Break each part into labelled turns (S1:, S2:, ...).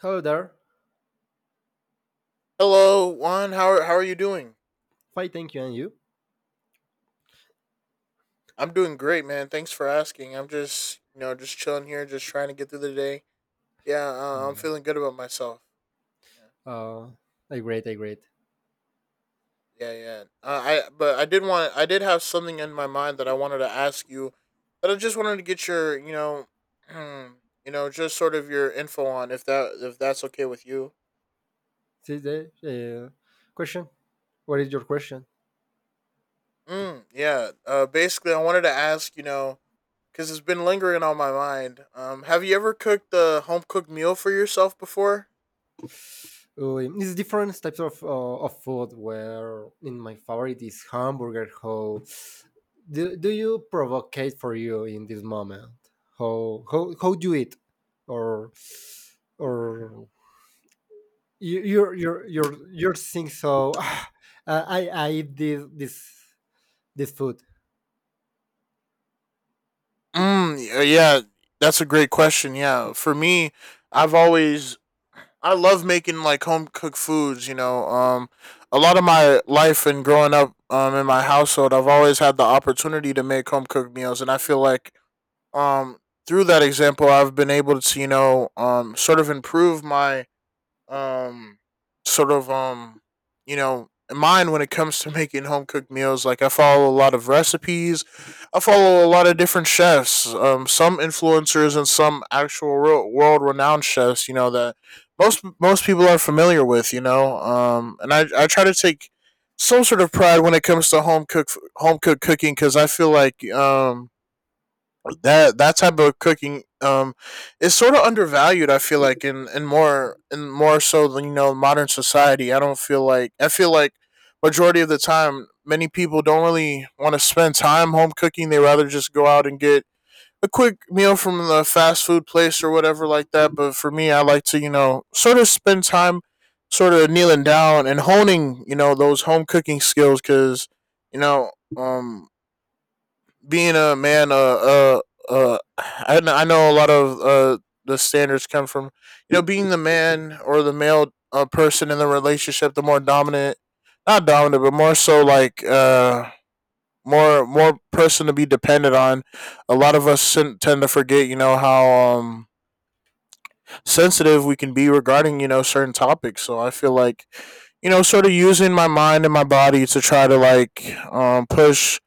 S1: Hello there.
S2: Hello, Juan. How are you doing?
S1: Fine, thank you. And you?
S2: I'm doing great, man. Thanks for asking. I'm just, you know, just chilling here, just trying to get through the day. Yeah, I'm
S1: Mm.
S2: feeling good about myself.
S1: Uh, I great, I great.
S2: Yeah, yeah. yeah. I but I did want I did have something in my mind that I wanted to ask you, but I just wanted to get your, you know, you know, just sort of your info on if that's okay with you.
S1: See the question. What is your question?
S2: Yeah. Basically, I wanted to ask, you know, because it's been lingering on my mind. Have you ever cooked a home cooked meal for yourself before?
S1: It's different types of food. Where in my favorite is hamburger. How do you provocate for you in this moment? How do you eat, or or you're think so? "Ah, I eat this this food.
S2: Yeah, that's a great question. Yeah, for me, I've always I love making like home cooked foods. You know, a lot of my life and growing up, in my household, I've always had the opportunity to make home cooked meals, and I feel like, um, through that example, I've been able to, you know, sort of improve my um sort of um you know mine when it comes to making home cooked meals. Like, I follow a lot of recipes, I follow a lot of different chefs, some influencers and some actual real world renowned chefs, you know, that most people are familiar with, you know, and I try to take some sort of pride when it comes to home cooked cooking, cuz I feel like that that type of cooking, is sort of undervalued. I feel like, in more so than, you know, modern society, I don't feel like, I feel like majority of the time many people don't really want to spend time home cooking. They rather just go out and get a quick meal from the fast food place or whatever like that. But for me, I like to, you know, sort of spend time sort of kneeling down and honing, you know, those home cooking skills, because you know, um being a man, I know a lot of the standards come from, you know, being the man or the male, person in the relationship, the more dominant, not dominant, but more so like, more person to be dependent on. A lot of us tend to forget, you know, how sensitive we can be regarding, you know, certain topics. So I feel like, you know, sort of using my mind and my body to try to like,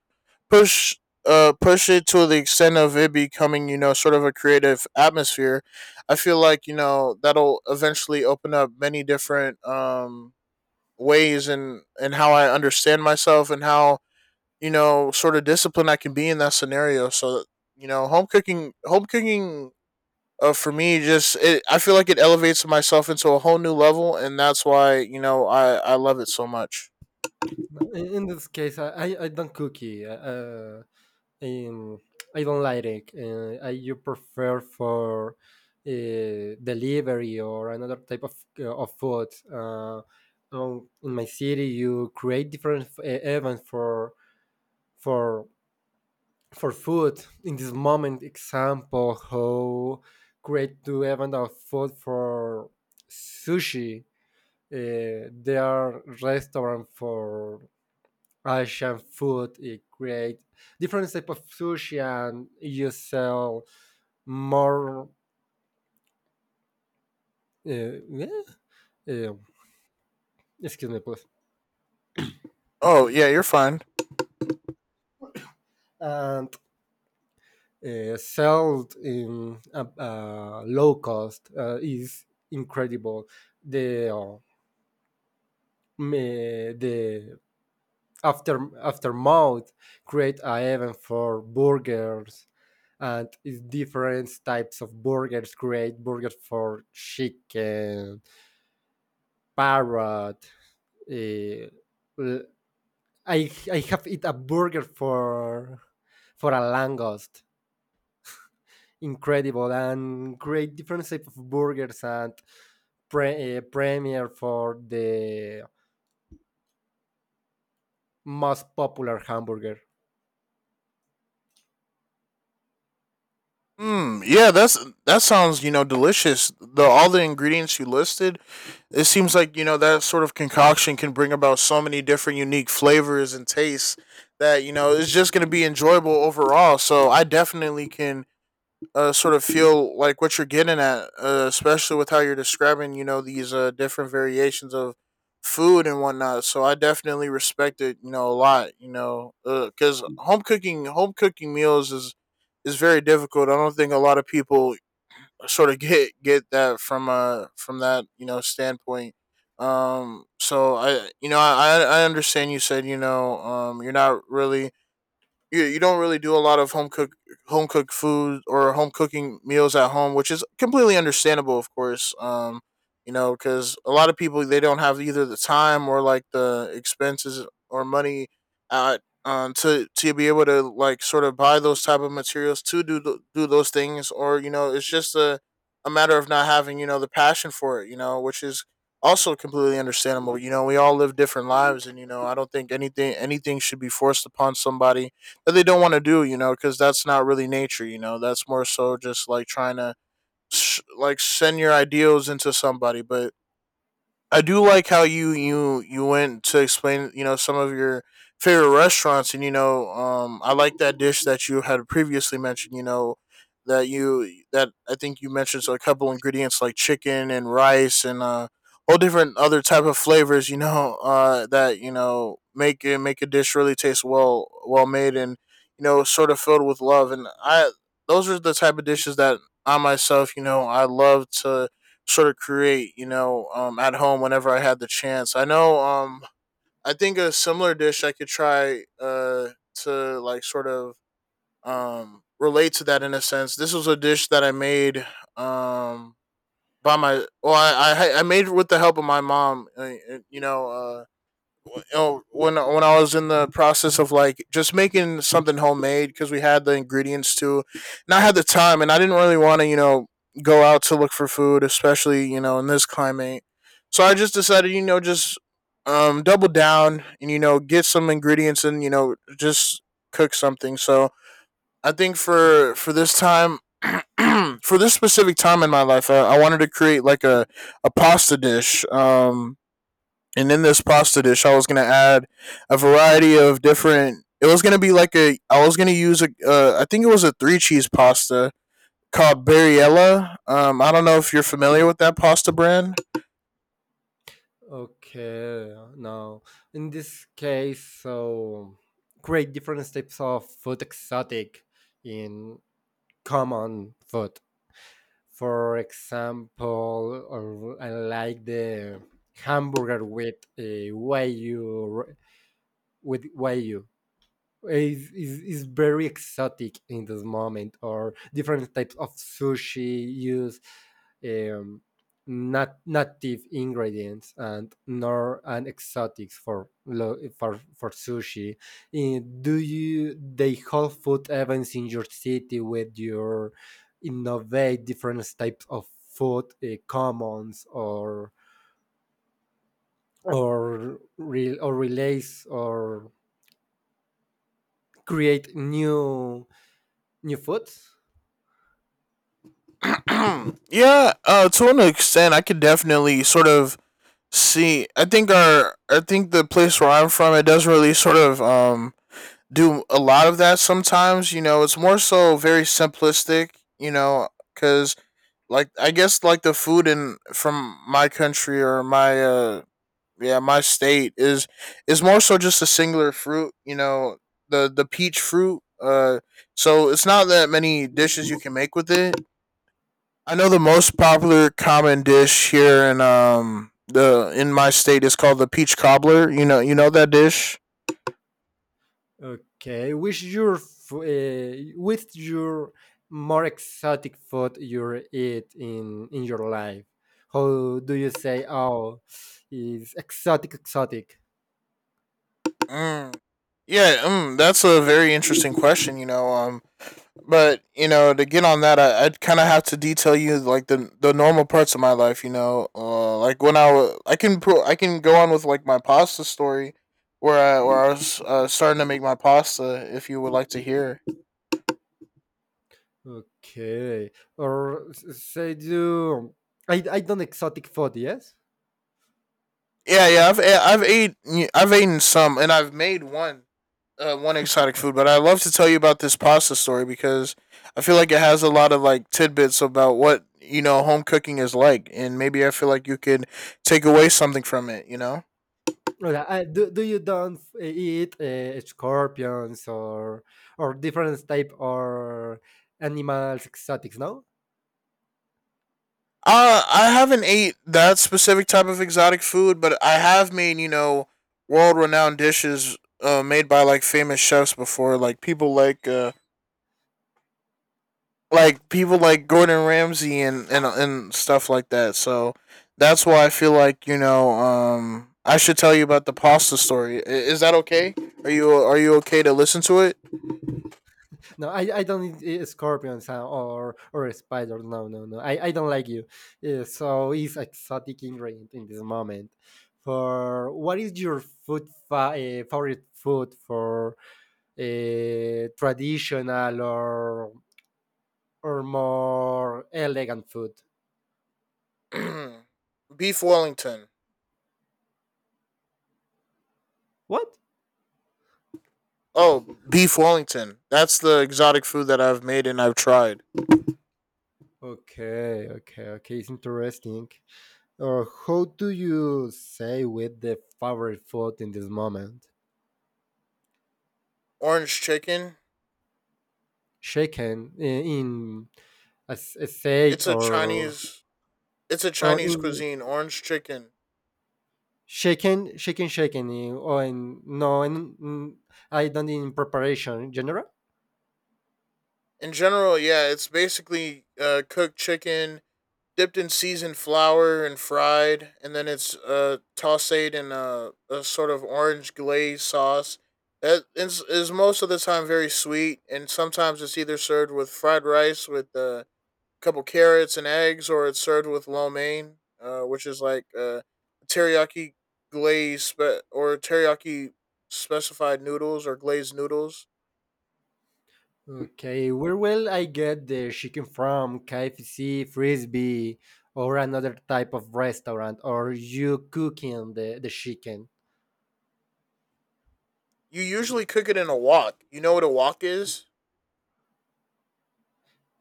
S2: push push it to the extent of it becoming, you know, sort of a creative atmosphere. I feel like, you know, that'll eventually open up many different ways, and how I understand myself, and how, you know, sort of discipline I can be in that scenario. So, you know, home cooking, for me, just it, I feel like it elevates myself into a whole new level, and that's why, you know, I love it so much.
S1: No, in this case, I don't cookie. In, I don't like it. I you prefer for delivery or another type of food. In my city, you create different events for for food. In this moment, example, how create two event of food for sushi. There are restaurant for Asian food. It create different type of sushi, and you sell more. Uh, yeah, uh, excuse me, please.
S2: Oh yeah, you're fine.
S1: And sold in a low cost is incredible. The uh, the after aftermath create a event for burgers and it's different types of burgers create burgers for chicken parrot, uh, I have eat a burger for a langost. Incredible and great different type of burgers and premier for the most popular hamburger.
S2: Mm, yeah, that's that sounds, you know, delicious. The all the ingredients you listed, it seems like, you know, that sort of concoction can bring about so many different unique flavors and tastes that, you know, it's just going to be enjoyable overall. So I definitely can, sort of feel like what you're getting at, especially with how you're describing, you know, these different variations of food and whatnot. So I definitely respect it, you know, a lot, you know, because home cooking meals is very difficult. I don't think a lot of people sort of get that from that, you know, standpoint. So I, you know, I understand, you said, you know, you're not really, you don't really do a lot of home cooked food or home cooking meals at home, which is completely understandable, of course. You know, because a lot of people, they don't have either the time or like the expenses or money at to be able to like sort of buy those type of materials to do do those things, or, you know, it's just a matter of not having, you know, the passion for it, you know, which is also completely understandable. You know, we all live different lives, and you know, I don't think anything should be forced upon somebody that they don't want to do, you know, because that's not really nature, you know. That's more so just like trying to like send your ideals into somebody. But I do like how you went to explain, you know, some of your favorite restaurants, and you know, I like that dish that you had previously mentioned, you know, that I think you mentioned, so a couple ingredients like chicken and rice, and all different other type of flavors, you know, that, you know, make it make a dish really taste well made and, you know, sort of filled with love. And I those are the type of dishes that I myself, you know, I love to sort of create, you know, at home whenever I had the chance. I know, I think a similar dish I could try, to like sort of, relate to that in a sense. This was a dish that I made, um, by my, well, I made with the help of my mom, you know, when I was in the process of like just making something homemade, because we had the ingredients too, and I had the time, and I didn't really want to, you know, go out to look for food, especially, you know, in this climate. So I just decided, you know, just double down and, you know, get some ingredients and, you know, just cook something. So I think for this time. For this specific time in my life, I wanted to create like a pasta dish. And in this pasta dish, I was gonna add a variety of different. It was gonna be like a. I was gonna use a. I think it was a three cheese pasta called Barriella. I don't know if you're familiar with that pasta brand.
S1: Okay, no, in this case, so great different types of food exotic in common food. For example, or I like the hamburger with wagyu, with wagyu is, is very exotic in this moment or different types of sushi use um, not native ingredients and nor and exotics for for sushi. Eh, do you they hold food events in your city with your innovate different types of food commons or or relays or create new new foods?
S2: Yeah, to an extent, I could definitely sort of see. I think the place where I'm from, it does really sort of do a lot of that sometimes. You know, it's more so very simplistic. You know, because like I guess like the food in from my country or my yeah my state is more so just a singular fruit. You know, the peach fruit. So it's not that many dishes you can make with it. I know the most popular common dish here in the in my state is called the peach cobbler. You know that dish.
S1: Okay, which your with your more exotic food you eat in your life? How do you say? Oh, is exotic exotic?
S2: Mm. Yeah, mm, that's a very interesting question. You know, but you know, to get on that, I'd kind of have to detail you like the normal parts of my life, you know, like when I was, I can pro- I can go on with like my pasta story, where I was, starting to make my pasta, if you would like to hear.
S1: Okay, say do I don't exotic food? Yes.
S2: Yeah, yeah, I've ate, I've eaten some, and I've made one exotic food. But I love to tell you about this pasta story, because I feel like it has a lot of like tidbits about what, you know, home cooking is like, and maybe I feel like you could take away something from it, you know.
S1: Well, I, do you don't eat scorpions or different type or animals exotics? No.
S2: I haven't ate that specific type of exotic food, but I have made, you know, world renowned dishes, made by like famous chefs before, like people like Gordon Ramsay, and and stuff like that. So that's why I feel like, you know, I should tell you about the pasta story. Is that okay? Are you okay to listen to it?
S1: No, I don't need a scorpion sound or a spider. No, no, no. I don't like you. Yeah, so it's exotic ingredient in this moment. For what is your food favorite food for traditional or more elegant food?
S2: Beef Wellington.
S1: What?
S2: Oh, beef Wellington. That's the exotic food that I've made and I've tried.
S1: Okay, okay, okay. It's interesting. Or how do you say with the favorite food in this moment?
S2: Orange chicken.
S1: Shaken in a, a state
S2: It's a Chinese. It's a
S1: or
S2: Chinese
S1: in
S2: cuisine. Orange chicken.
S1: shaken in- or in no in, in- I not in preparation in general.
S2: In general, yeah, it's basically cooked chicken dipped in seasoned flour and fried, and then it's tossed in a sort of orange glaze sauce that is most of the time very sweet, and sometimes it's either served with fried rice with couple carrots and eggs, or it's served with lo mein, which is like teriyaki or teriyaki specified noodles or glazed noodles.
S1: Okay, where will I get the chicken from? KFC, frisbee, or another type of restaurant? Or you cooking the chicken?
S2: You usually cook it in a wok. You know what a wok is?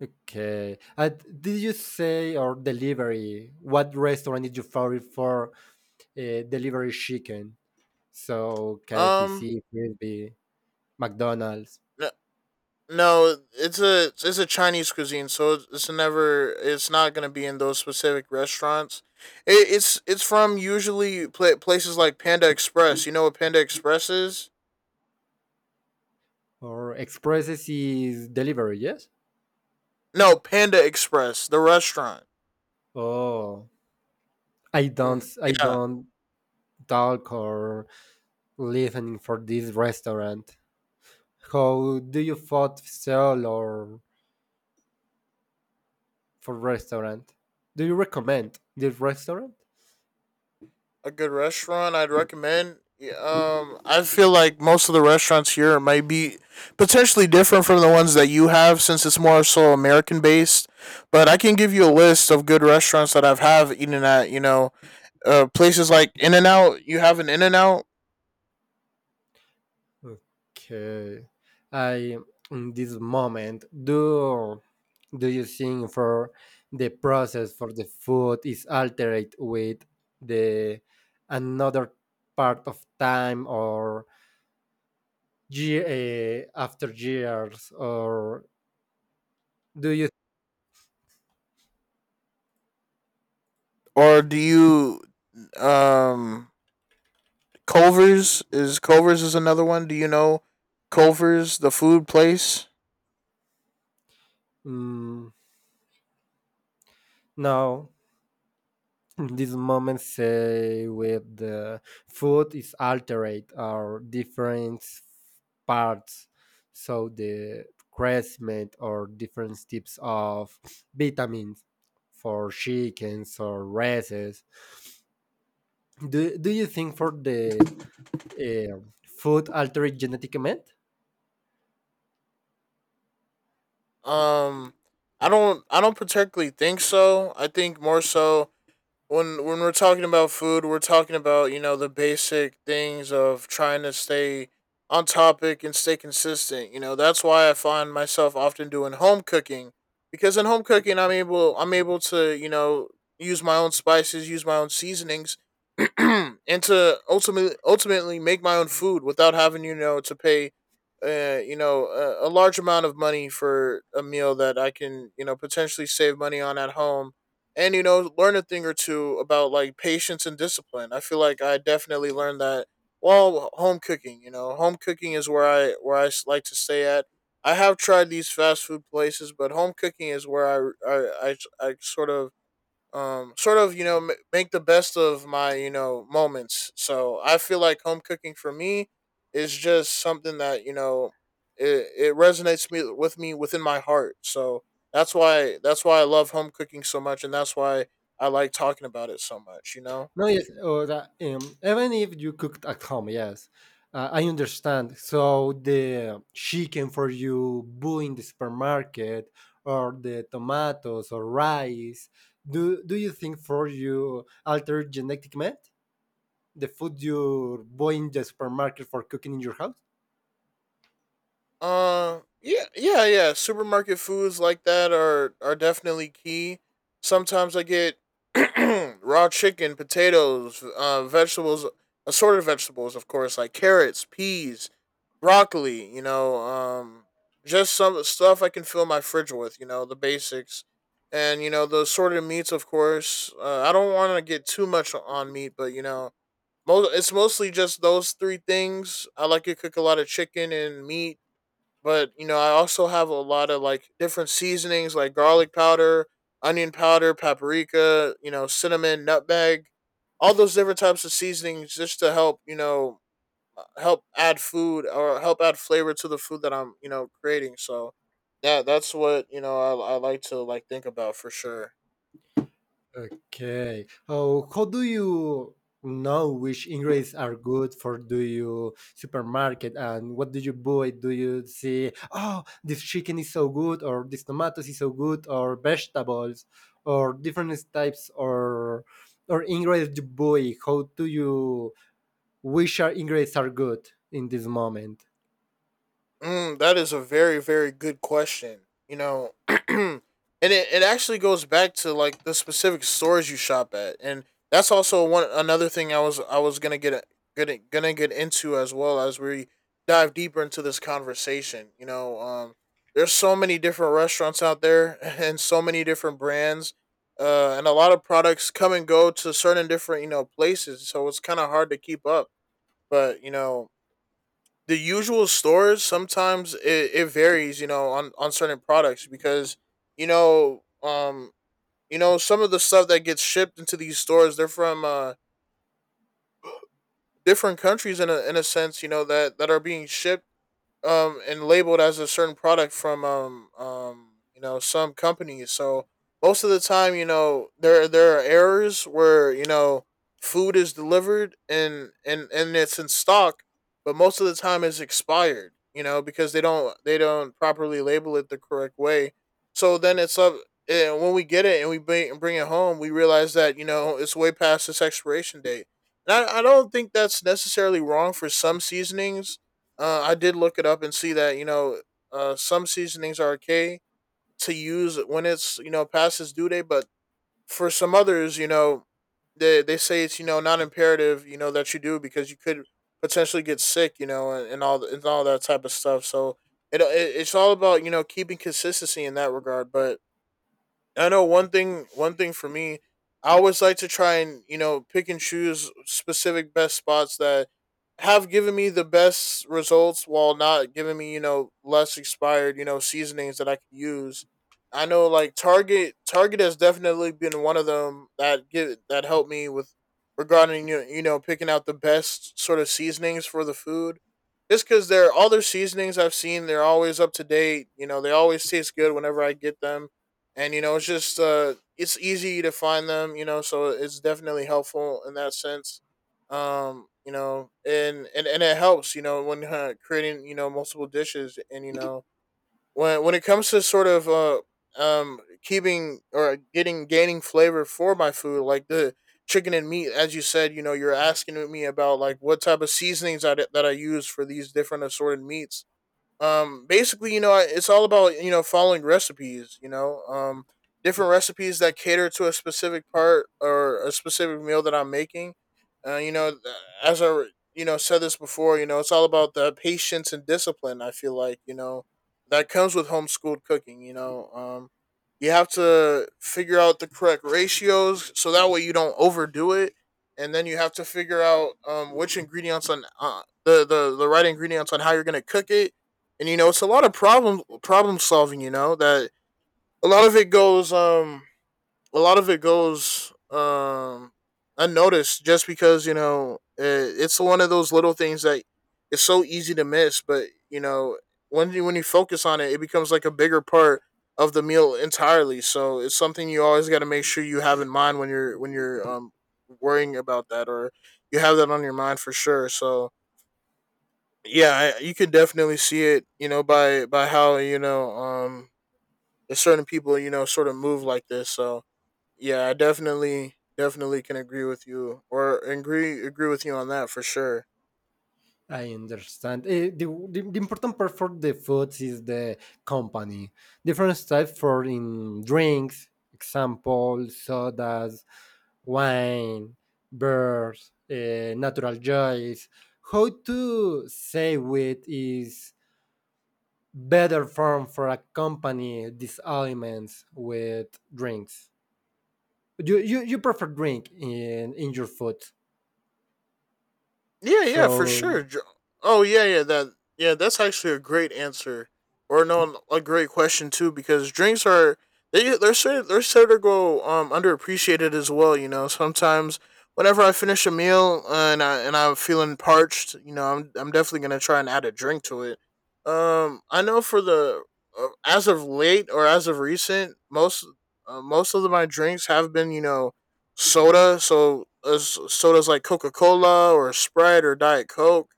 S1: Okay. Did you say or delivery? What restaurant is your favorite for delivery chicken? So
S2: Um,
S1: KFC, Frisbee, McDonald's,
S2: no, no it's a it's a Chinese cuisine, so it's not gonna be in those specific restaurants. It's from usually places like Panda Express. You know what Panda Express is?
S1: or Expresses is delivery. Yes.
S2: No, Panda Express, the restaurant.
S1: Oh,
S2: Mm,
S1: I
S2: yeah,
S1: don't talk or listening for this restaurant. How do you thought sell or for restaurant? Do you recommend this restaurant?
S2: a good restaurant I'd recommend. Yeah, I feel like most of the restaurants here might be potentially different from the ones that you have, since it's more so American based. But I can give you a list of good restaurants that I've have eaten at. You know, places like In and Out. You have an In and Out,
S1: Okay. I in this moment do do you think for the process for the food is altered with the another part of time or year, after years or do you
S2: or do you? Um, Culver's is another one. Do you know Culver's, the food place?
S1: mm, no. These moments say with the food is altered or different parts, so the crescent or different types of vitamins for chickens or races. Do, do you think for the eh, food altered genetic method?
S2: Um, I don't particularly think so. I think more so when we're talking about food, we're talking about you know the basic things of trying to stay on topic and stay consistent. You know, that's why I find myself often doing home cooking because in home cooking, I'm able to you know use my own spices, use my own seasonings and to ultimately make my own food without having you know to pay you know a large amount of money for a meal that I can you know potentially save money on at home and you know learn a thing or two about like patience and discipline. I feel like I definitely learned that while home cooking. You know, home cooking is where I like to stay at. I have tried these fast food places, but home cooking is where I sort of you know make the best of my you know moments. So I feel like home cooking for me is just something that it resonates me with me within my heart. So that's why I love home cooking so much, and that's why I like talking about it so much. You know.
S1: No, yes, or that, even if you cooked at home, yes, I understand. So the chicken for you boo in the supermarket, or the tomatoes or rice. Do you think for you alter genetic method the food you buy in the supermarket for cooking in your house?
S2: Yeah, yeah, yeah. Supermarket foods like that are definitely key. Sometimes I get raw chicken, potatoes, vegetables, assorted vegetables, of course, like carrots, peas, broccoli. You know, just some stuff I can fill my fridge with. You know, the basics, and you know the assorted meats, of course. I don't want to get too much on meat, but you know, most it's mostly just those three things. I like to cook a lot of chicken and meat but, you know, I also have a lot of like different seasonings like garlic powder, onion powder, paprika, you know, cinnamon, nutmeg, all those different types of seasonings just to help, you know, help add food or help add flavor to the food that I'm, you know, creating. So, yeah, that's what, you know, I like to like think about for sure.
S1: Okay. Oh, how do you know which ingredients are good for do you supermarket and what do you buy? Do you see, oh, this chicken is so good or this tomatoes is so good or vegetables or different types or ingredients you buy? How do you which are ingredients are good in this moment?
S2: Mm, that is a very, very good question. You know, and it actually goes back to like the specific stores you shop at, and that's also one another thing I was gonna get gonna gonna get into as well as we dive deeper into this conversation. You know, there's so many different restaurants out there and so many different brands, and a lot of products come and go to certain different you know places, so it's kind of hard to keep up. But you know, the usual stores sometimes it varies you know on certain products because you know um you know some of the stuff that gets shipped into these stores they're from different countries in a sense you know that are being shipped and labeled as a certain product from you know some companies. So most of the time, you know, there are errors where you know food is delivered and it's in stock, but most of the time it's expired. You know because they don't properly label it the correct way. So then it's up. And when we get it and we bring it home, we realize that you know it's way past its expiration date. And I don't think that's necessarily wrong for some seasonings I did look it up and see that you know some seasonings are okay to use when it's you know past its due date, but for some others, you know, they say it's you know not imperative, you know, that you do because you could potentially get sick, you know, and all that type of stuff. So it, it it's all about you know keeping consistency in that regard. But I know one thing. One thing for me, I always like to try and you know pick and choose specific best spots that have given me the best results while not giving me you know less expired you know seasonings that I can use. I know like Target. Target has definitely been one of them that give that helped me with regarding you know picking out the best sort of seasonings for the food. Just because they're all their seasonings I've seen, they're always up to date. You know, they always taste good whenever I get them and you know it's just it's easy to find them you know so it's definitely helpful in that sense you know and it helps you know when creating you know multiple dishes and you know when it comes to sort of keeping or getting gaining flavor for my food like the chicken and meat as you said you know you're asking me about like what type of seasonings that I use for these different assorted meats basically you know it's all about you know following recipes you know different recipes that cater to a specific part or a specific meal that I'm making you know as I you know said this before you know it's all about the patience and discipline I feel like you know that comes with homeschooled cooking you know you have to figure out the correct ratios so that way you don't overdo it and then you have to figure out which ingredients on the right ingredients on how you're going to cook it and you know it's a lot of problem solving. You know that a lot of it goes a lot of it goes um unnoticed just because you know it's one of those little things that it's so easy to miss. But you know when you focus on it, it becomes like a bigger part of the meal entirely. So it's something you always got to make sure you have in mind when you're worrying about that or you have that on your mind for sure. So yeah, you could definitely see it, you know, by how you know the certain people you know sort of move like this. So yeah, I definitely can agree with you or agree with you on that for sure.
S1: I understand. Eh, the important part for the foods is the company. Different types for in drinks, example, sodas, wine, beers, eh, natural joys. How to say with is better form for a company these aliments with drinks. You prefer drink in your food.
S2: Yeah, yeah, for sure.
S1: So
S2: Oh, yeah, yeah, that's actually a great answer, or no, a great question too, because drinks are they're sort of go underappreciated as well. You know, sometimes whenever I finish a meal and I and I'm feeling parched, you know, I'm definitely gonna try and add a drink to it. I know for the as of late or as of recent, most of my drinks have been you know soda. So sodas like Coca Cola or Sprite or Diet Coke.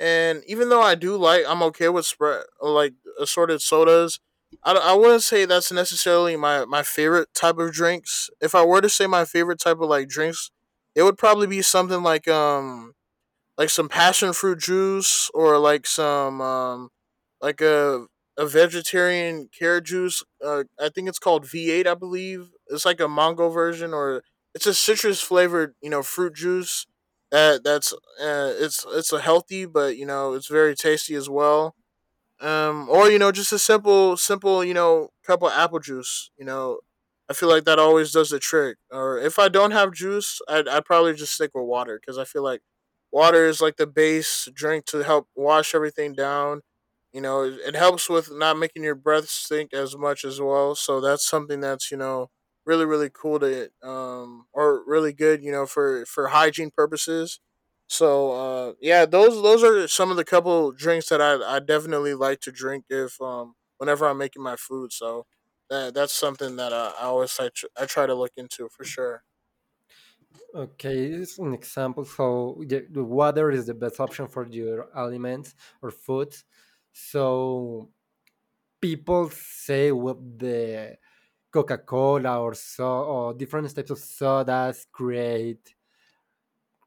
S2: And even though I do like, I'm okay with Sprite, like assorted sodas. I wouldn't say that's necessarily my favorite type of drinks. If I were to say my favorite type of like drinks, it would probably be something like some passion fruit juice or like some like a vegetarian carrot juice. I think it's called V8, I believe. It's like a mango version or it's a citrus flavored, you know, fruit juice. That that's It's a healthy, but you know, it's very tasty as well or you know just a simple you know cup of apple juice. I feel like that always does the trick, or if I don't have juice I'd probably just stick with water because I feel like water is like the base drink to help wash everything down. It helps with not making your breath stink as much as well, so that's something that's you know really cool to or really good you know for hygiene purposes. Yeah, those are some of the couple drinks that I definitely like to drink if whenever I'm making my food. So that's something that I always I try to look into for sure.
S1: okay, it's an example. So the water is the best option for your aliments or food. So people say with the Coca Cola or so or different types of sodas create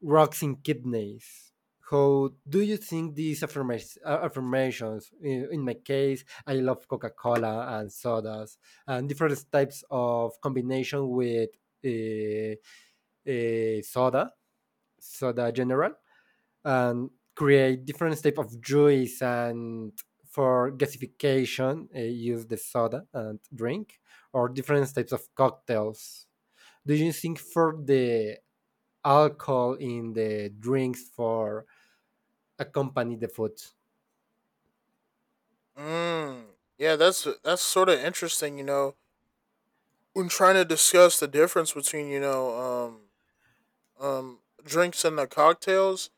S1: rocks in kidneys. How do you think these affirmations? Affirmations in my case, I love Coca Cola and sodas and different types of combination with uh, soda so the general, and create different type of juice and for gasification use the soda and drink or different types of cocktails. Do you think for the alcohol in the drinks for accompany the food?
S2: Mm. Yeah, that's sort of interesting, you know, when trying to discuss the difference between, you know, drinks and the cocktails.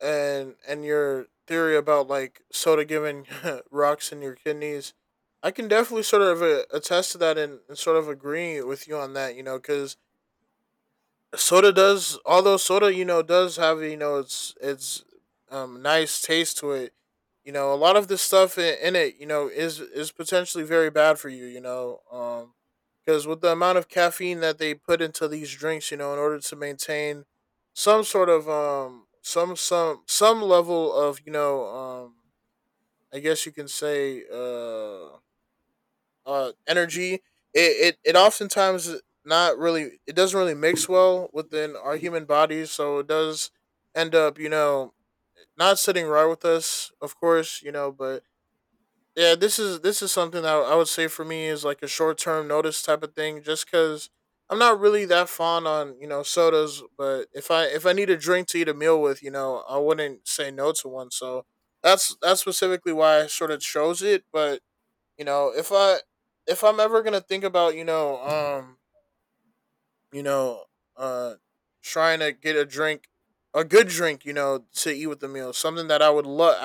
S2: And your theory about like soda giving rocks in your kidneys, I can definitely sort of attest to that, and sort of agree with you on that. You know, because soda does, although soda you know does have you know it's nice taste to it. You know a lot of the stuff in it you know is potentially very bad for you you know because with the amount of caffeine that they put into these drinks you know in order to maintain some sort of some level of you know I guess you can say energy. It oftentimes not really it doesn't really mix well within our human bodies, so it does end up, you know, not sitting right with us, of course, you know, but yeah, this is something that I would say for me is like a short term notice type of thing, just because I'm not really that fond on you know sodas, but if I need a drink to eat a meal with, you know, I wouldn't say no to one. So that's specifically why I sort of chose it. But you know if I'm ever gonna think about you know uh trying to get a good drink you know to eat with the meal, something that I would love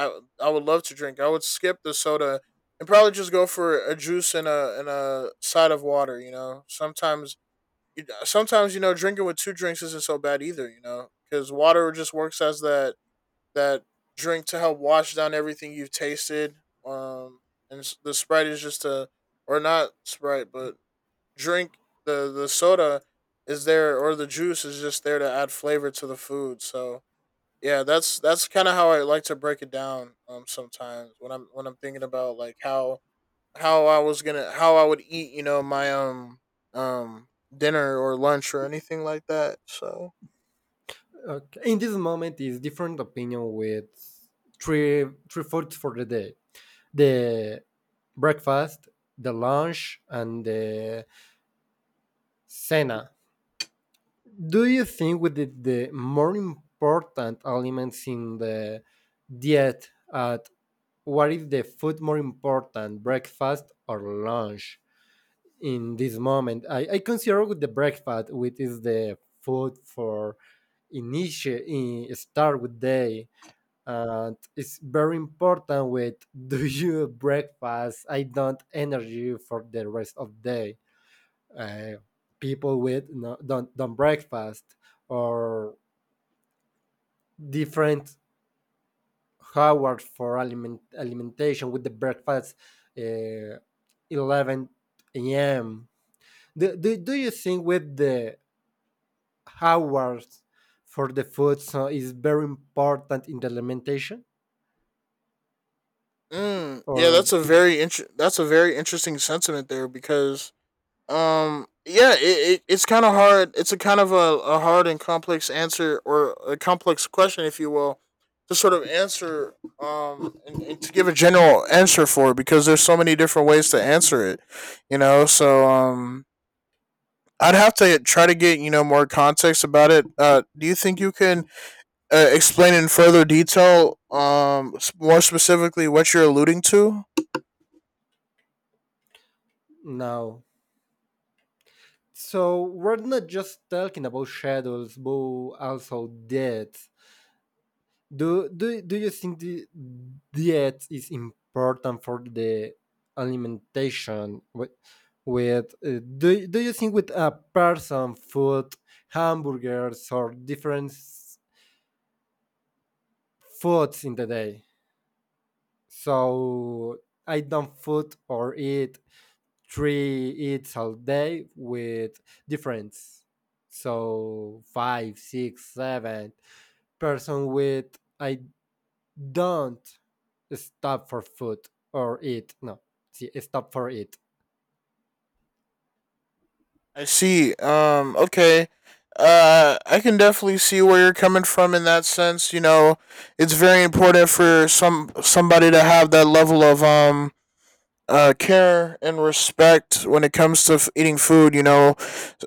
S2: I would love to drink. I would skip the soda and probably just go for a juice and a side of water. You know sometimes you know drinking with two drinks isn't so bad either, you know, because water just works as that drink to help wash down everything you've tasted. Um, and the Sprite is just or not Sprite, but drink the soda is there, or the juice is just there to add flavor to the food. So yeah, that's kind of how I like to break it down. Sometimes when I'm thinking about like how I would eat, you know, my um dinner or lunch or anything like that. So
S1: Okay. In this moment is different opinion with three three foods for the day, the breakfast, the lunch, and the cena. Do you think with the more important elements in the diet at what is the food more important, breakfast or lunch? In this moment I consider with the breakfast which is the food for initiate in, start with day, and it's very important with do you breakfast I don't energy for the rest of day. uh, People with no, don't breakfast or different hours for aliment alimentation with the breakfast, uh, 11 a.m. Do you think with the hours for the food so is very important in the alimentation
S2: Yeah,
S1: or
S2: that's a that's a very interesting sentiment there because yeah, it's kind of hard. It's a kind of a hard and complex answer, or a complex question, if you will, to sort of answer, and to give a general answer for, because there's so many different ways to answer it, you know. So I'd have to try to get you know more context about it. Do you think you can explain in further detail more specifically what you're alluding to?
S1: no? So we're not just talking about shadows, but also death. Do do you think the diet is important for the alimentation? With do do you think with a person food, hamburgers or different foods in the day? So I don't food or eat three eats all day with difference. So five, six, seven person with I don't stop for food or eat. No, see, stop for eat.
S2: I see. Okay. I can definitely see where you're coming from in that sense. You know, it's very important for somebody to have that level of care and respect when it comes to eating food. You know,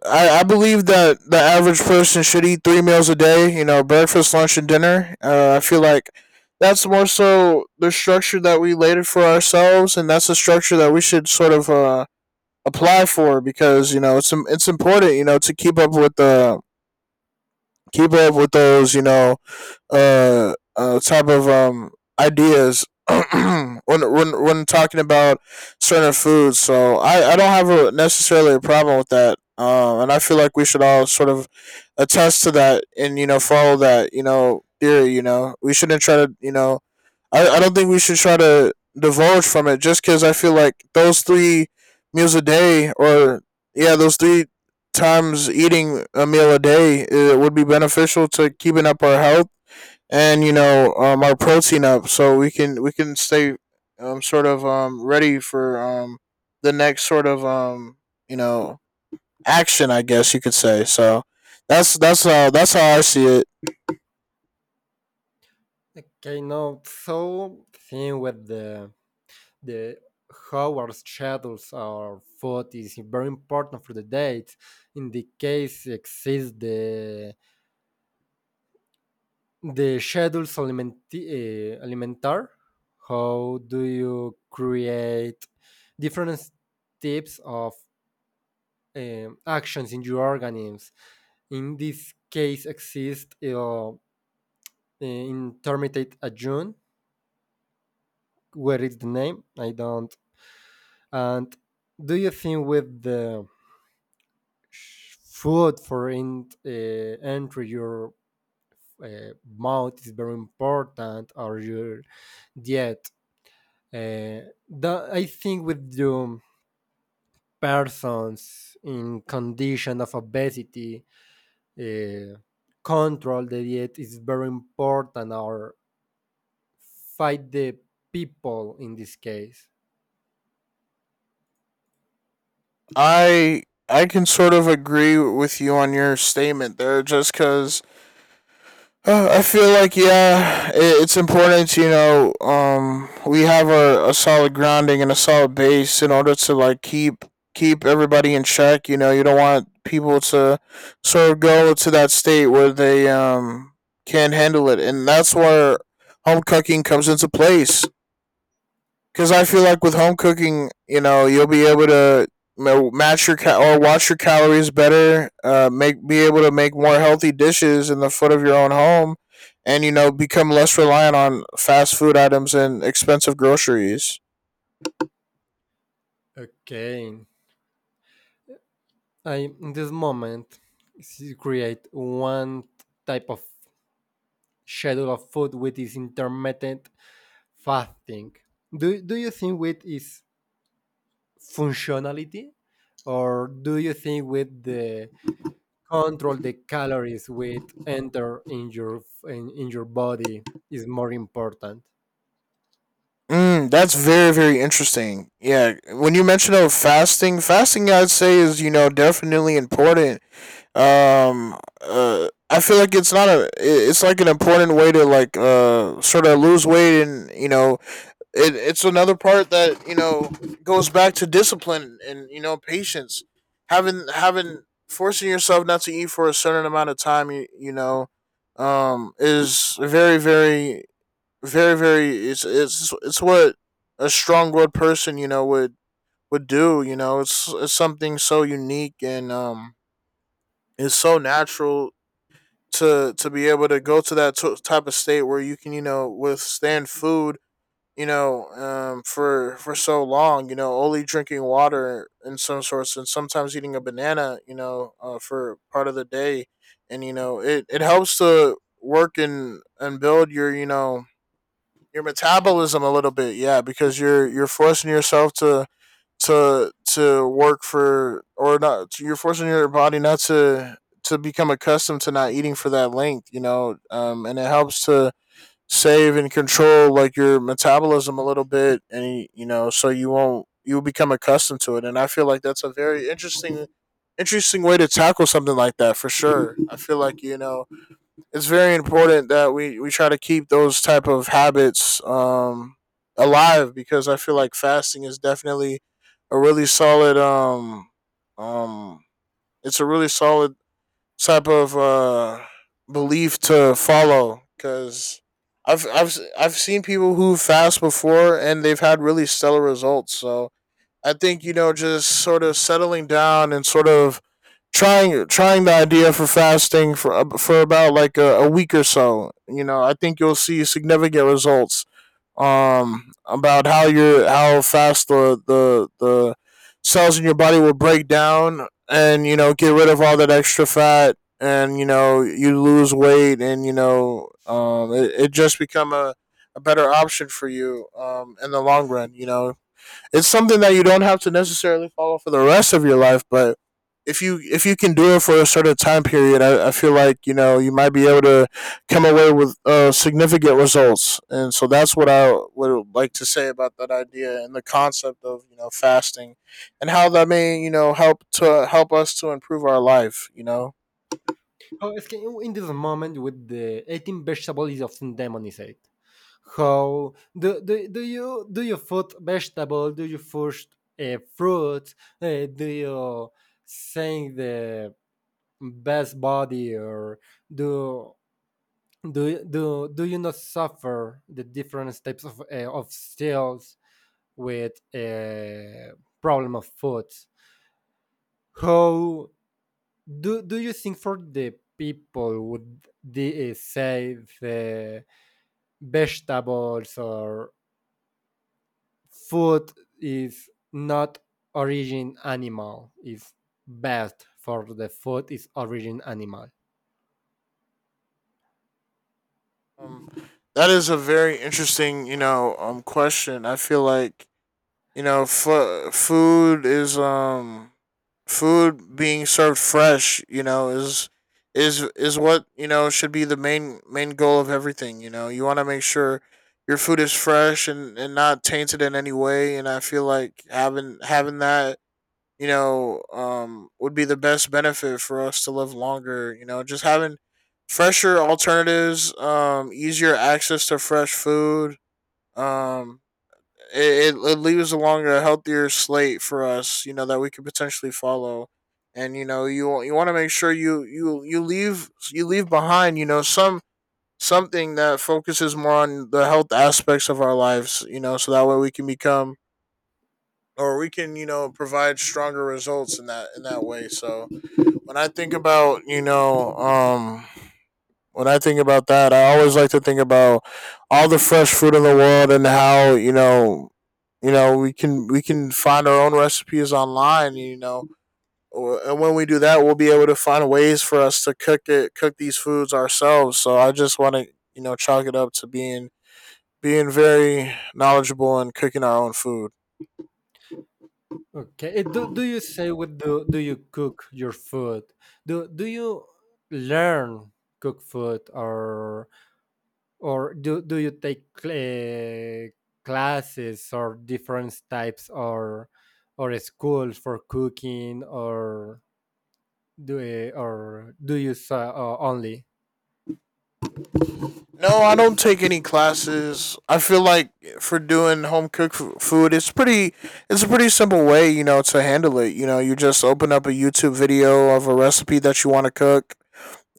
S2: I believe that the average person should eat three meals a day. You know, breakfast, lunch, and dinner. I feel like that's more so the structure that we laid it for ourselves, and that's the structure that we should sort of apply for, because you know it's important you know to keep up with the keep up with those you know type of ideas when when talking about certain foods. So I don't have a necessarily a problem with that. And I feel like we should all sort of attest to that, and you know follow that you know theory. You know, we shouldn't try to you know I don't think we should try to divulge from it, just because I feel like those three meals a day, or yeah, those three times eating a meal a day, it would be beneficial to keeping up our health and you know our protein up, so we can stay sort of ready for the next sort of you know action, I guess you could say. So that's how I see it.
S1: Okay, no, so thing with the how our schedules our food is very important for the date. In the case exists the schedules alimenti alimentar. How do you create different types of actions in your organisms? In this case, exist in Terminate a June, where is the name? I don't. And do you think with the food for in entry your mouth is very important or your diet? I think with the persons in condition of obesity, uh, control the diet is very important or fight the people in this case.
S2: I I can sort of agree with you on your statement there, just because I feel like yeah, it's important. You know, we have a solid grounding and a solid base in order to like keep everybody in check. You know, you don't want people to sort of go to that state where they can't handle it, and that's where home cooking comes into place. Because I feel like with home cooking, you know, you'll be able to match your cal or watch your calories better, make be able to make more healthy dishes in the foot of your own home, and you know become less reliant on fast food items and expensive groceries.
S1: Okay. I in this moment create one type of schedule of food with this intermittent fasting. Do you think with its functionality, or do you think with the control the calories with enter in your in your body is more important?
S2: Mm, that's very interesting. Yeah, when you mention of fasting I'd say is you know definitely important. I feel like it's not it's like an important way to like sort of lose weight, and you know it's another part that you know goes back to discipline and you know patience. Having forcing yourself not to eat for a certain amount of time, you know is very very very very it's it's what a strong willed person you know would do. You know it's something so unique, and it's so natural to be able to go to that type of state where you can you know withstand food, you know for so long, you know, only drinking water in some sorts, and sometimes eating a banana, you know for part of the day. And you know it helps to work and build your you know your metabolism a little bit, yeah, because you're forcing yourself to work for or not you're forcing your body not to become accustomed to not eating for that length, you know and it helps to save and control like your metabolism a little bit, and you know so you won't you become accustomed to it. And I feel like that's a very interesting way to tackle something like that for sure. I feel like you know it's very important that we try to keep those type of habits alive, because I feel like fasting is definitely a really solid um it's a really solid type of belief to follow, because I've have I I've seen people who fast before and they've had really stellar results. So I think you know just sort of settling down and sort of trying the idea for fasting for for about like a week or so. You know, I think you'll see significant results about how your how fast the cells in your body will break down, and you know get rid of all that extra fat, and you know you lose weight, and you know it just become a better option for you in the long run. You know it's something that you don't have to necessarily follow for the rest of your life, but if you can do it for a certain time period, I feel like you know you might be able to come away with significant results, and so that's what I would like to say about that idea and the concept of you know fasting, and how that may you know help to help us to improve our life. You know,
S1: Oh, es que in this moment with the eating vegetable is often demonized. How do you food vegetable? Do you food fruit? Do you sing the best body or do do do you not suffer the different types of styles with a problem of food? How do you think for the people would they say the vegetables or food is not origin animal is best for the food is origin animal?
S2: um, that is a very interesting you know question. I feel like you know, food is food being served fresh. You know, is what you know should be the main goal of everything. You know, you want to make sure your food is fresh, and not tainted in any way. And I feel like having that you know would be the best benefit for us to live longer. You know, just having fresher alternatives, easier access to fresh food. Um, leaves along a healthier slate for us, you know, that we could potentially follow. And you want to make sure you leave behind, you know, something that focuses more on the health aspects of our lives, you know, so that way we can become or we can, you know, provide stronger results in that way. So when I think about, you know, um when I think about that, I always like to think about all the fresh fruit in the world. And you know, we can find our own recipes online. You know, and when we do that, we'll be able to find ways for us to cook it, cook these foods ourselves. So I just want to chalk it up to being very knowledgeable and cooking our own food.
S1: Okay. Eh, do you say what do you cook your food, do you learn cook food or do you take classes or different types or schools for cooking or or do you only?
S2: No, I don't take any classes. I feel like for doing home cooked food, It's a pretty simple way, you know, to handle it. You know, you just open up a YouTube video of a recipe that you want to cook,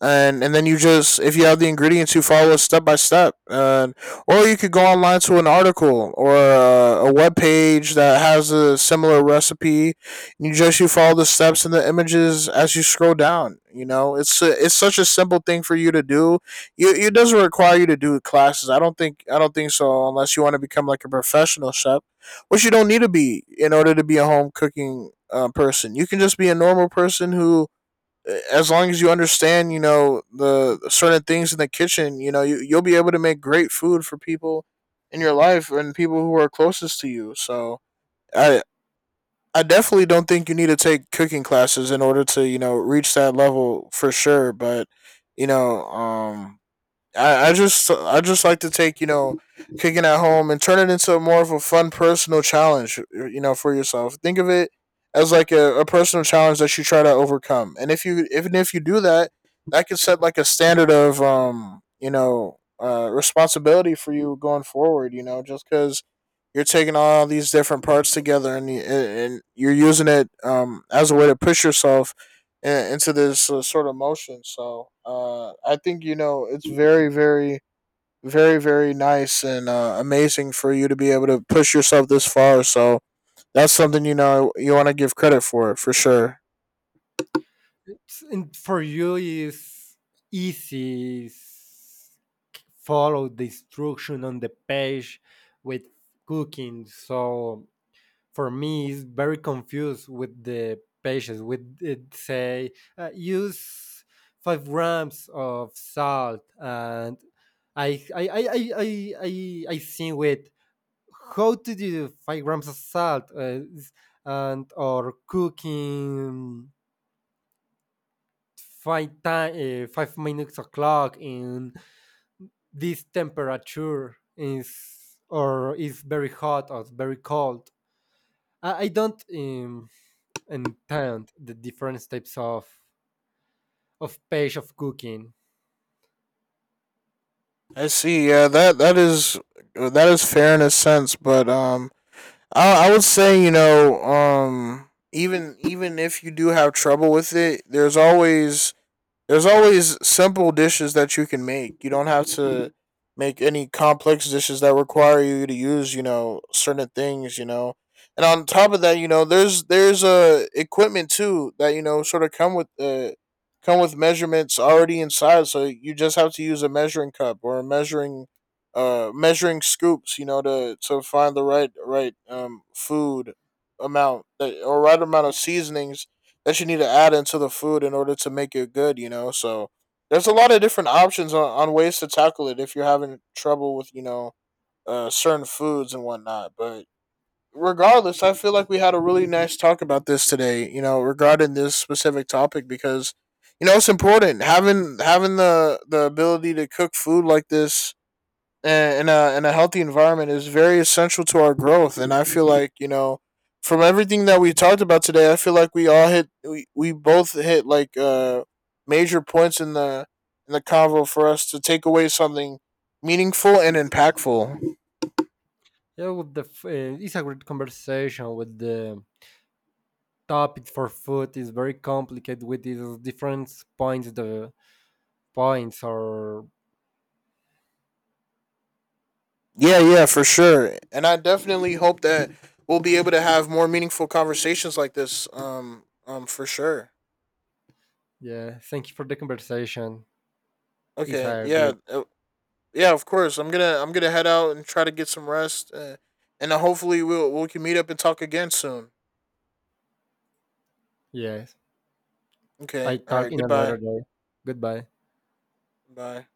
S2: and then you just, if you have the ingredients, you follow it step by step, and or you could go online to an article or a web page that has a similar recipe. You just you follow the steps and the images as you scroll down. It's such a simple thing for you to do. It doesn't require you to do classes. I don't think so, unless you want to become like a professional chef, which you don't need to be in order to be a home cooking person. You can just be a normal person who, as long as you understand, you know, the certain things in the kitchen, you'll be able to make great food for people in your life and people who are closest to you. So I I definitely don't think you need to take cooking classes in order to, you know, reach that level for sure. But, you know, um I just like to take, cooking at home, and turn it into more of a fun personal challenge, you know, for yourself. Think of it as like a personal challenge that you try to overcome. And if you even if you do that, that could set like a standard of responsibility for you going forward. You know, just because you're taking all these different parts together, and and you're using it as a way to push yourself into this sort of motion. So I think, you know, it's very, very, very, very nice and amazing for you to be able to push yourself this far. So that's something, you know, you want to give credit for sure.
S1: It's- and for you is easy follow the instruction on the page with cooking? So for me it's very confused with the pages with it say use 5 grams of salt and i i i i i i, I see with how to do 5 grams of salt, and or cooking 5 minutes o'clock in this temperature is or is very hot or very cold. I don't understand the different types of page of cooking.
S2: I see. Yeah, that is fair in a sense, but I would say, even if you do have trouble with it, there's always simple dishes that you can make. You don't have to make any complex dishes that require you to use, you know, certain things, you know. And on top of that, you know, there's equipment too that, you know, sort of come with measurements already inside, so you just have to use a measuring cup or a measuring scoops, you know, to find the right food amount, that or right amount of seasonings that you need to add into the food in order to make it good, you know? So there's a lot of different options on ways to tackle it if you're having trouble with, you know, certain foods and whatnot. But regardless, I feel like we had a really nice talk about this today, you know, regarding this specific topic, because, you know, it's important having the ability to cook food like this, and, and a healthy environment is very essential to our growth. And I feel like, you know, from everything that we talked about today, I feel like we both hit like major points in the convo for us to take away something meaningful and impactful.
S1: Yeah, with the it's a great conversation with the topic for food is very complicated with these different points the points or
S2: Yeah, yeah, for sure. And I definitely hope that we'll be able to have more meaningful conversations like this. For sure.
S1: yeah. Thank you for the conversation. It's
S2: Okay,
S1: a
S2: yeah.
S1: great.
S2: Yeah, of course. I'm gonna head out and try to get some rest, and then hopefully we can meet up and talk again soon.
S1: Yes, I
S2: Okay. All
S1: talk
S2: right.
S1: in another
S2: Goodbye.
S1: day. Goodbye.
S2: Bye.